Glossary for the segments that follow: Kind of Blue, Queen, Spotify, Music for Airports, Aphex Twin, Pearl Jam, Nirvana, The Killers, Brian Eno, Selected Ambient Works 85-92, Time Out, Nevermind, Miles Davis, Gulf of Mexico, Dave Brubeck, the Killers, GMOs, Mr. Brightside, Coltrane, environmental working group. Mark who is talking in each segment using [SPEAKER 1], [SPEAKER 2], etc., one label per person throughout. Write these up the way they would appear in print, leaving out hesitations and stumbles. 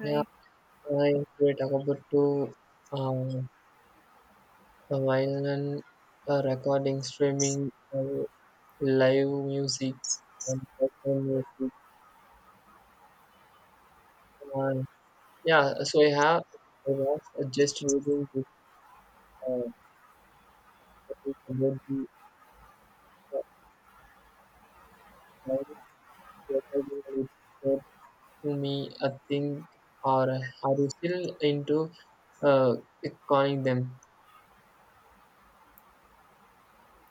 [SPEAKER 1] Yeah, I we talk about to um, violin recording, streaming, live music, and personal music. And yeah, so I was just reading this uh, topic about the uh, violin recording. And it said to me, I think, or are you still into uh, calling them?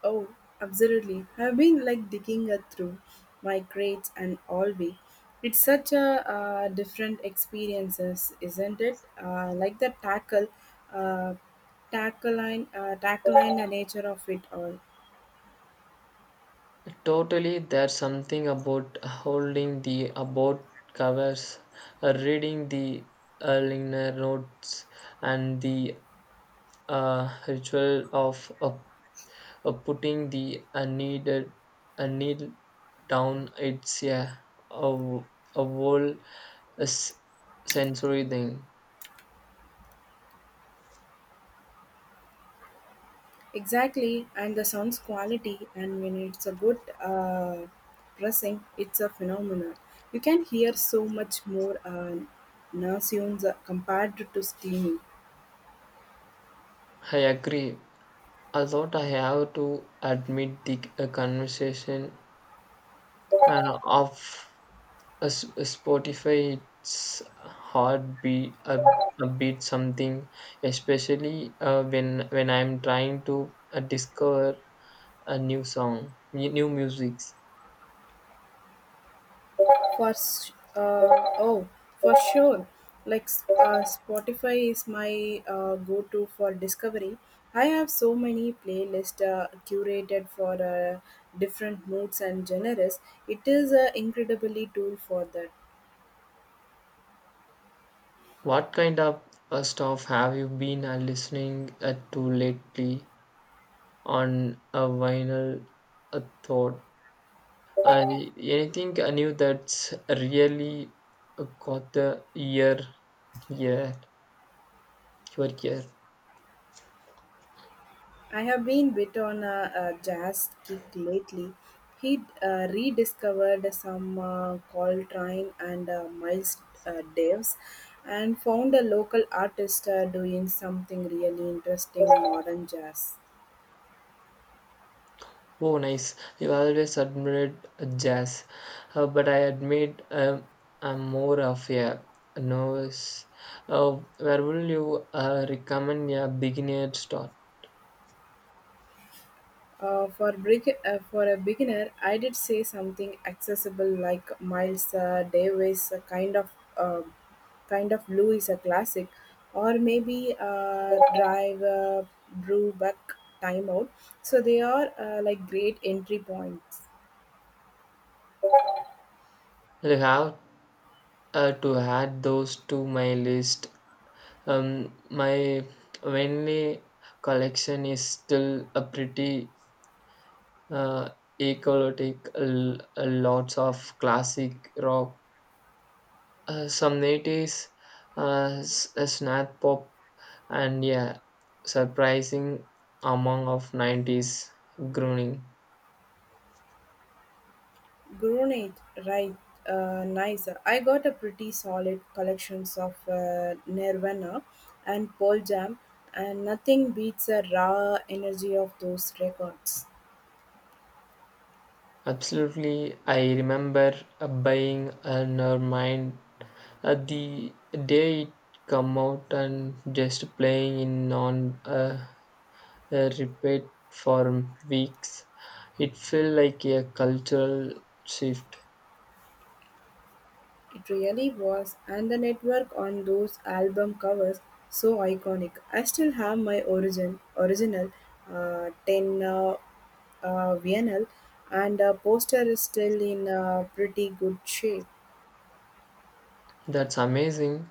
[SPEAKER 2] Oh, absolutely. I've been like digging through my crates and all week. It's such a different experiences, isn't it? Like the tackle, uh, tackle line, the nature of it all.
[SPEAKER 1] Totally, there's something about holding the about covers, reading the liner notes, and the ritual of putting the needed needle down. It's, yeah, a, a whole sensory thing.
[SPEAKER 2] Exactly, and the sound's quality, and when it's a good pressing, it's a phenomenon. You can hear so much more now sounds, compared to steaming.
[SPEAKER 1] I agree. I thought I have to admit the conversation uh, of a Spotify, it's hard be a bit something, especially when I'm trying to discover a new song, new musics.
[SPEAKER 2] for s- uh, oh for sure, like Spotify is my go-to for discovery. I have so many playlists curated for different moods and genres. It is an incredibly tool for that.
[SPEAKER 1] What kind of stuff have you been listening to lately on a vinyl thought? Uh, Anything new that's really caught the ear, yeah, your ear?
[SPEAKER 2] I have been bit on a jazz kick lately. He rediscovered some Coltrane and Miles Davis, and found a local artist doing something really interesting in modern jazz.
[SPEAKER 1] Oh, nice. I've always admired jazz, but I admit, I'm more of a novice. Where will you recommend a beginner start?
[SPEAKER 2] For a beginner, I did say something accessible like Miles Davis. A kind of uh, kind of blue is a classic, or maybe Drive Brubeck Timeout. So they are like great entry points.
[SPEAKER 1] I have to add those to my list. My Wenley collection is still a pretty uh, eclectic, lots of classic rock. Some 90s, snap pop, and yeah, surprising among of 90s groaning.
[SPEAKER 2] Grunage, right? Nice. I got a pretty solid collections of Nirvana and Pearl Jam, and nothing beats the raw energy of those records.
[SPEAKER 1] Absolutely, I remember buying Nevermind the day it come out and just playing in on repeat for weeks. It felt like a cultural shift.
[SPEAKER 2] It really was, and the network on those album covers so iconic. I still have my original ten vinyl, and the poster is still in pretty good shape.
[SPEAKER 1] That's amazing.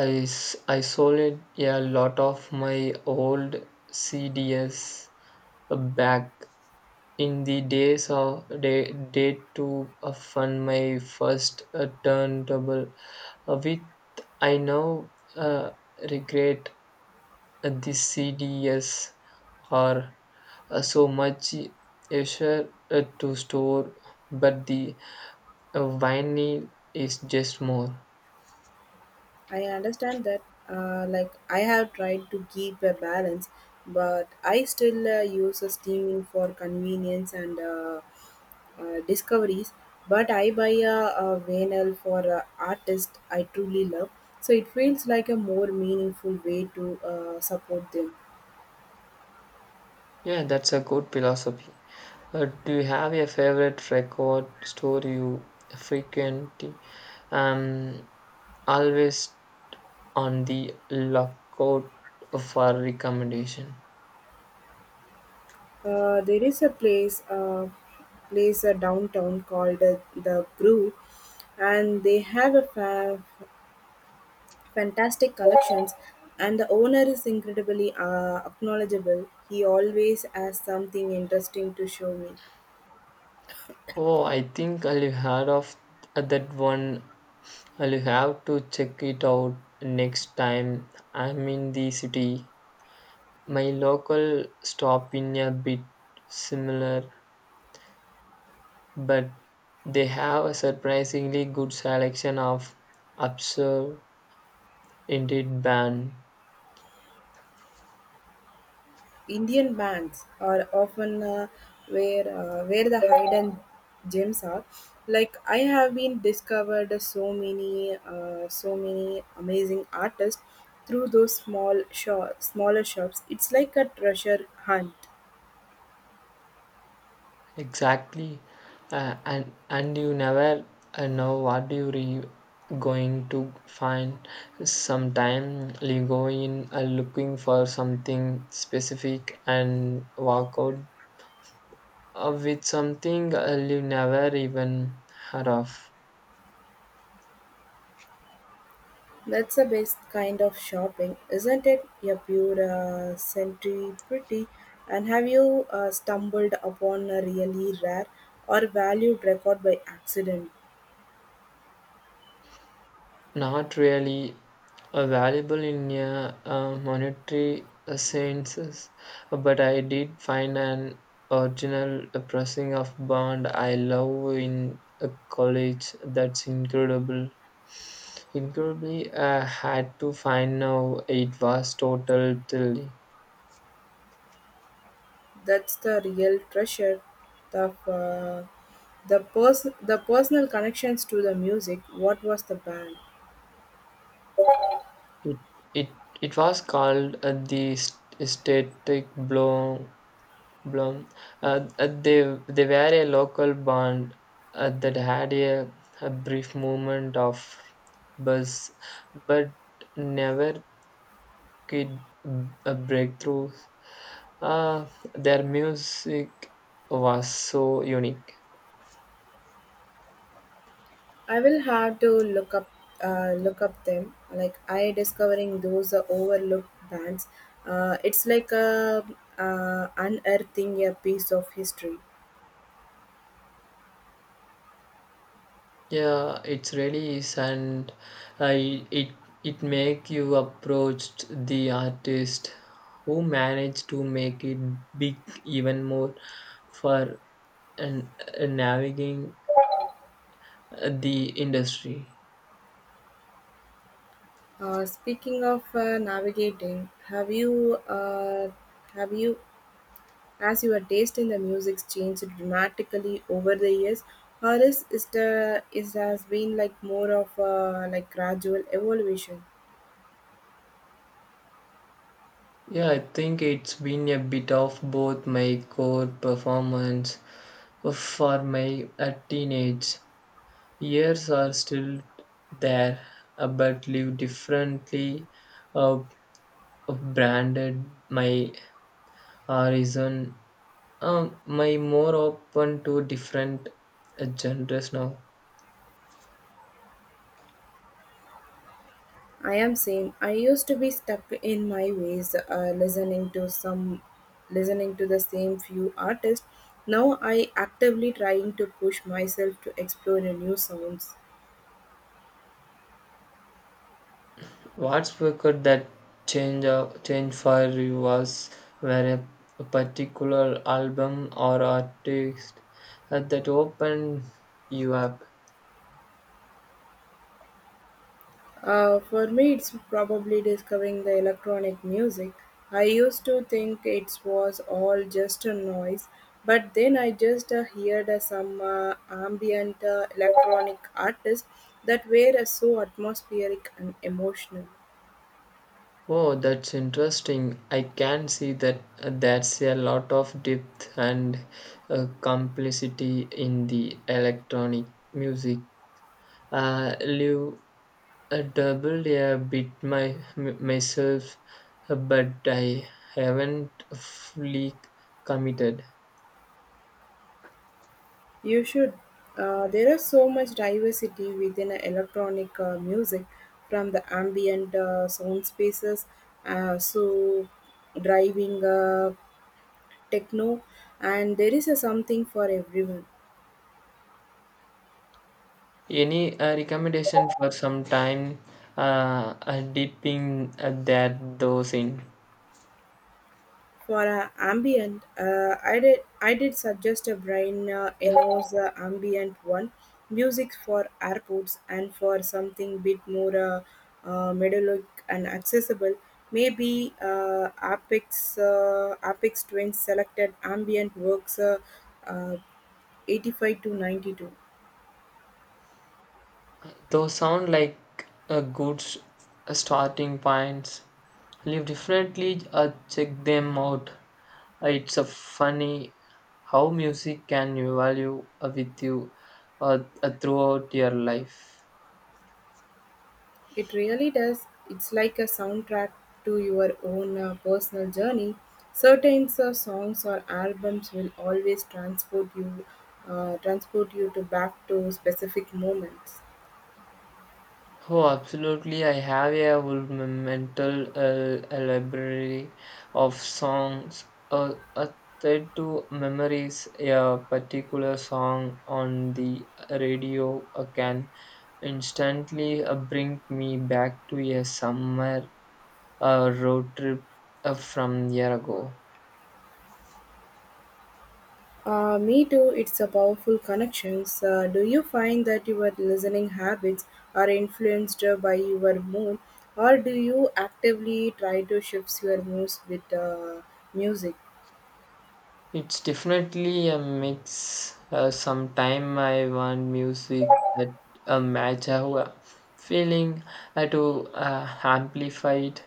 [SPEAKER 1] I sold it, yeah, a lot of my old CDs back in the days of day to fund my first turntable, which I now uh, regret. The CDs are so much easier to store, but the vinyl is just more.
[SPEAKER 2] I understand that. Like, I have tried to keep a balance, but I still use a steaming for convenience and discoveries. But I buy a vinyl for an artist I truly love, so it feels like a more meaningful way to support them.
[SPEAKER 1] Yeah, that's a good philosophy. Do you have a favorite record store you frequently, um always on the lookout for recommendation?
[SPEAKER 2] There is a place, downtown called the Brew, and they have a fantastic collections, and the owner is incredibly acknowledgeable. He always has something interesting to show me.
[SPEAKER 1] Oh, I think I'll heard of that one. I'll have to check it out next time I'm in the city. My local stop in a bit similar, but they have a surprisingly good selection of absurd indeed band.
[SPEAKER 2] Indian bands are often where the hidden gems are. Like I have been discovered so many amazing artists through those smaller shops. It's like a treasure hunt.
[SPEAKER 1] Exactly, and you never know what you going to find. Sometime you go in looking for something specific and walk out with something you never even heard of.
[SPEAKER 2] That's the best kind of shopping, isn't it? You pure century pretty. And have you stumbled upon a really rare or valued record by accident?
[SPEAKER 1] Not really valuable in a monetary senses, but I did find an original pressing of Bond I love in a college. That's incredible. Incredibly, I had to find now. It was total till
[SPEAKER 2] That's the real treasure. The uh, the personal connections to the music. What was the band?
[SPEAKER 1] it it it was called the static blow Blum. Uh, uh, they they were a local band that had a brief moment of buzz, but never could a breakthrough. Uh, their music was so unique.
[SPEAKER 2] I will have to look up them, like I discovering those overlooked bands. It's like a unearthing a piece of history.
[SPEAKER 1] Yeah, it's really is, and I it it make you approached the artist who managed to make it big even more for and navigating the industry.
[SPEAKER 2] Speaking of navigating, have you has your taste in the music changed dramatically over the years, or is the is has been like more of a like gradual evolution?
[SPEAKER 1] Yeah, I think it's been a bit of both. My core performance for my teenage years are still there, but live differently. Uh, Branded my horizon, my more open to different genres now.
[SPEAKER 2] I am same. I used to be stuck in my ways, listening to the same few artists. Now I actively trying to push myself to explore the new sounds.
[SPEAKER 1] What's could that change, change for you? Was where a particular album or artist that opened you up.
[SPEAKER 2] For me, it's probably discovering the electronic music. I used to think it was all just a noise, but then I just heard some ambient electronic artists that were so atmospheric and emotional.
[SPEAKER 1] Oh, that's interesting. I can see that, that's a lot of depth and complicity in the electronic music. Live doubled a bit my myself, but I haven't fully committed.
[SPEAKER 2] You should. There is so much diversity within electronic music, from the ambient sound spaces, so driving techno, and there is a something for everyone.
[SPEAKER 1] Any recommendation for some time dipping that those in?
[SPEAKER 2] For a ambient, I did suggest a Brian Eno's ambient one, music for airports, and for something bit more melodic and accessible. Maybe Apex Twins selected ambient works uh, 85 to 92.
[SPEAKER 1] Those sound like a good starting points. Live differently. Check them out. It's a funny how music can value with you throughout your life.
[SPEAKER 2] It really does. It's like a soundtrack to your own personal journey. Certain songs or albums will always transport you to back to specific moments.
[SPEAKER 1] Oh, absolutely. I have a whole mental a library of songs uh, tied to memories. A particular song on the radio can instantly bring me back to a summer road trip from year ago.
[SPEAKER 2] Me too. It's a powerful connections. Do you find that your listening habits are influenced by your mood, or do you actively try to shift your moods with music?
[SPEAKER 1] It's definitely a mix. Sometime I want music that match how I feeling, to amplify it,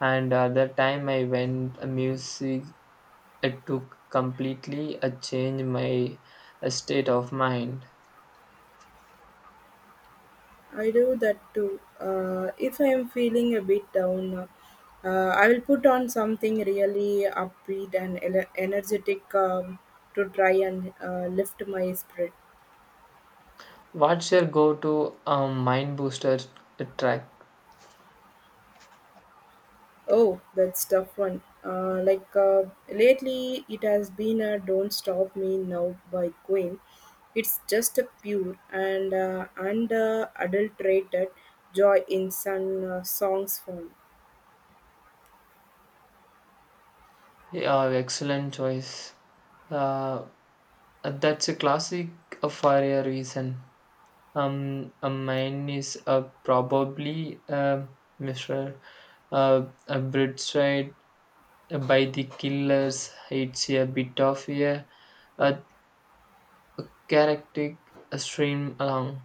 [SPEAKER 1] and other time I went music to completely change my state of mind.
[SPEAKER 2] I do that too. If I am feeling a bit down, I will put on something really upbeat and energetic to try and lift my spirit.
[SPEAKER 1] What's your go-to, mind booster track?
[SPEAKER 2] Oh, that's tough one. Lately, it has been a "Don't Stop Me Now" by Queen. It's just a pure and adulterated joy in some songs form.
[SPEAKER 1] Yeah, excellent choice. Uh, that's a classic for a reason. Mine is probably Mr. Brightside by the Killers. It's a bit of a characteristic stream along.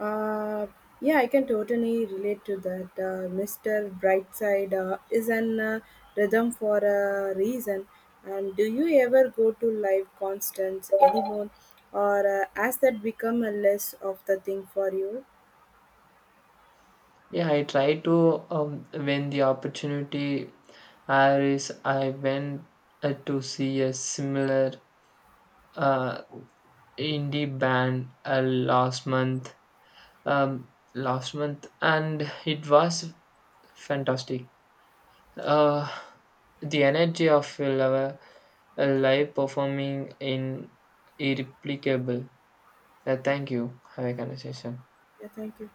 [SPEAKER 2] Uh, yeah, I can totally relate to that. Mr. Brightside is an rhythm for a reason. And do you ever go to live concerts anymore, or has that become a less of the thing for you?
[SPEAKER 1] Yeah, I try to, when the opportunity arises. I went to see a similar uh, indie band uh, last month, and it was fantastic. Uh, the energy of a live performing in irreplicable. Thank you. Have a conversation.
[SPEAKER 2] Yeah, thank you.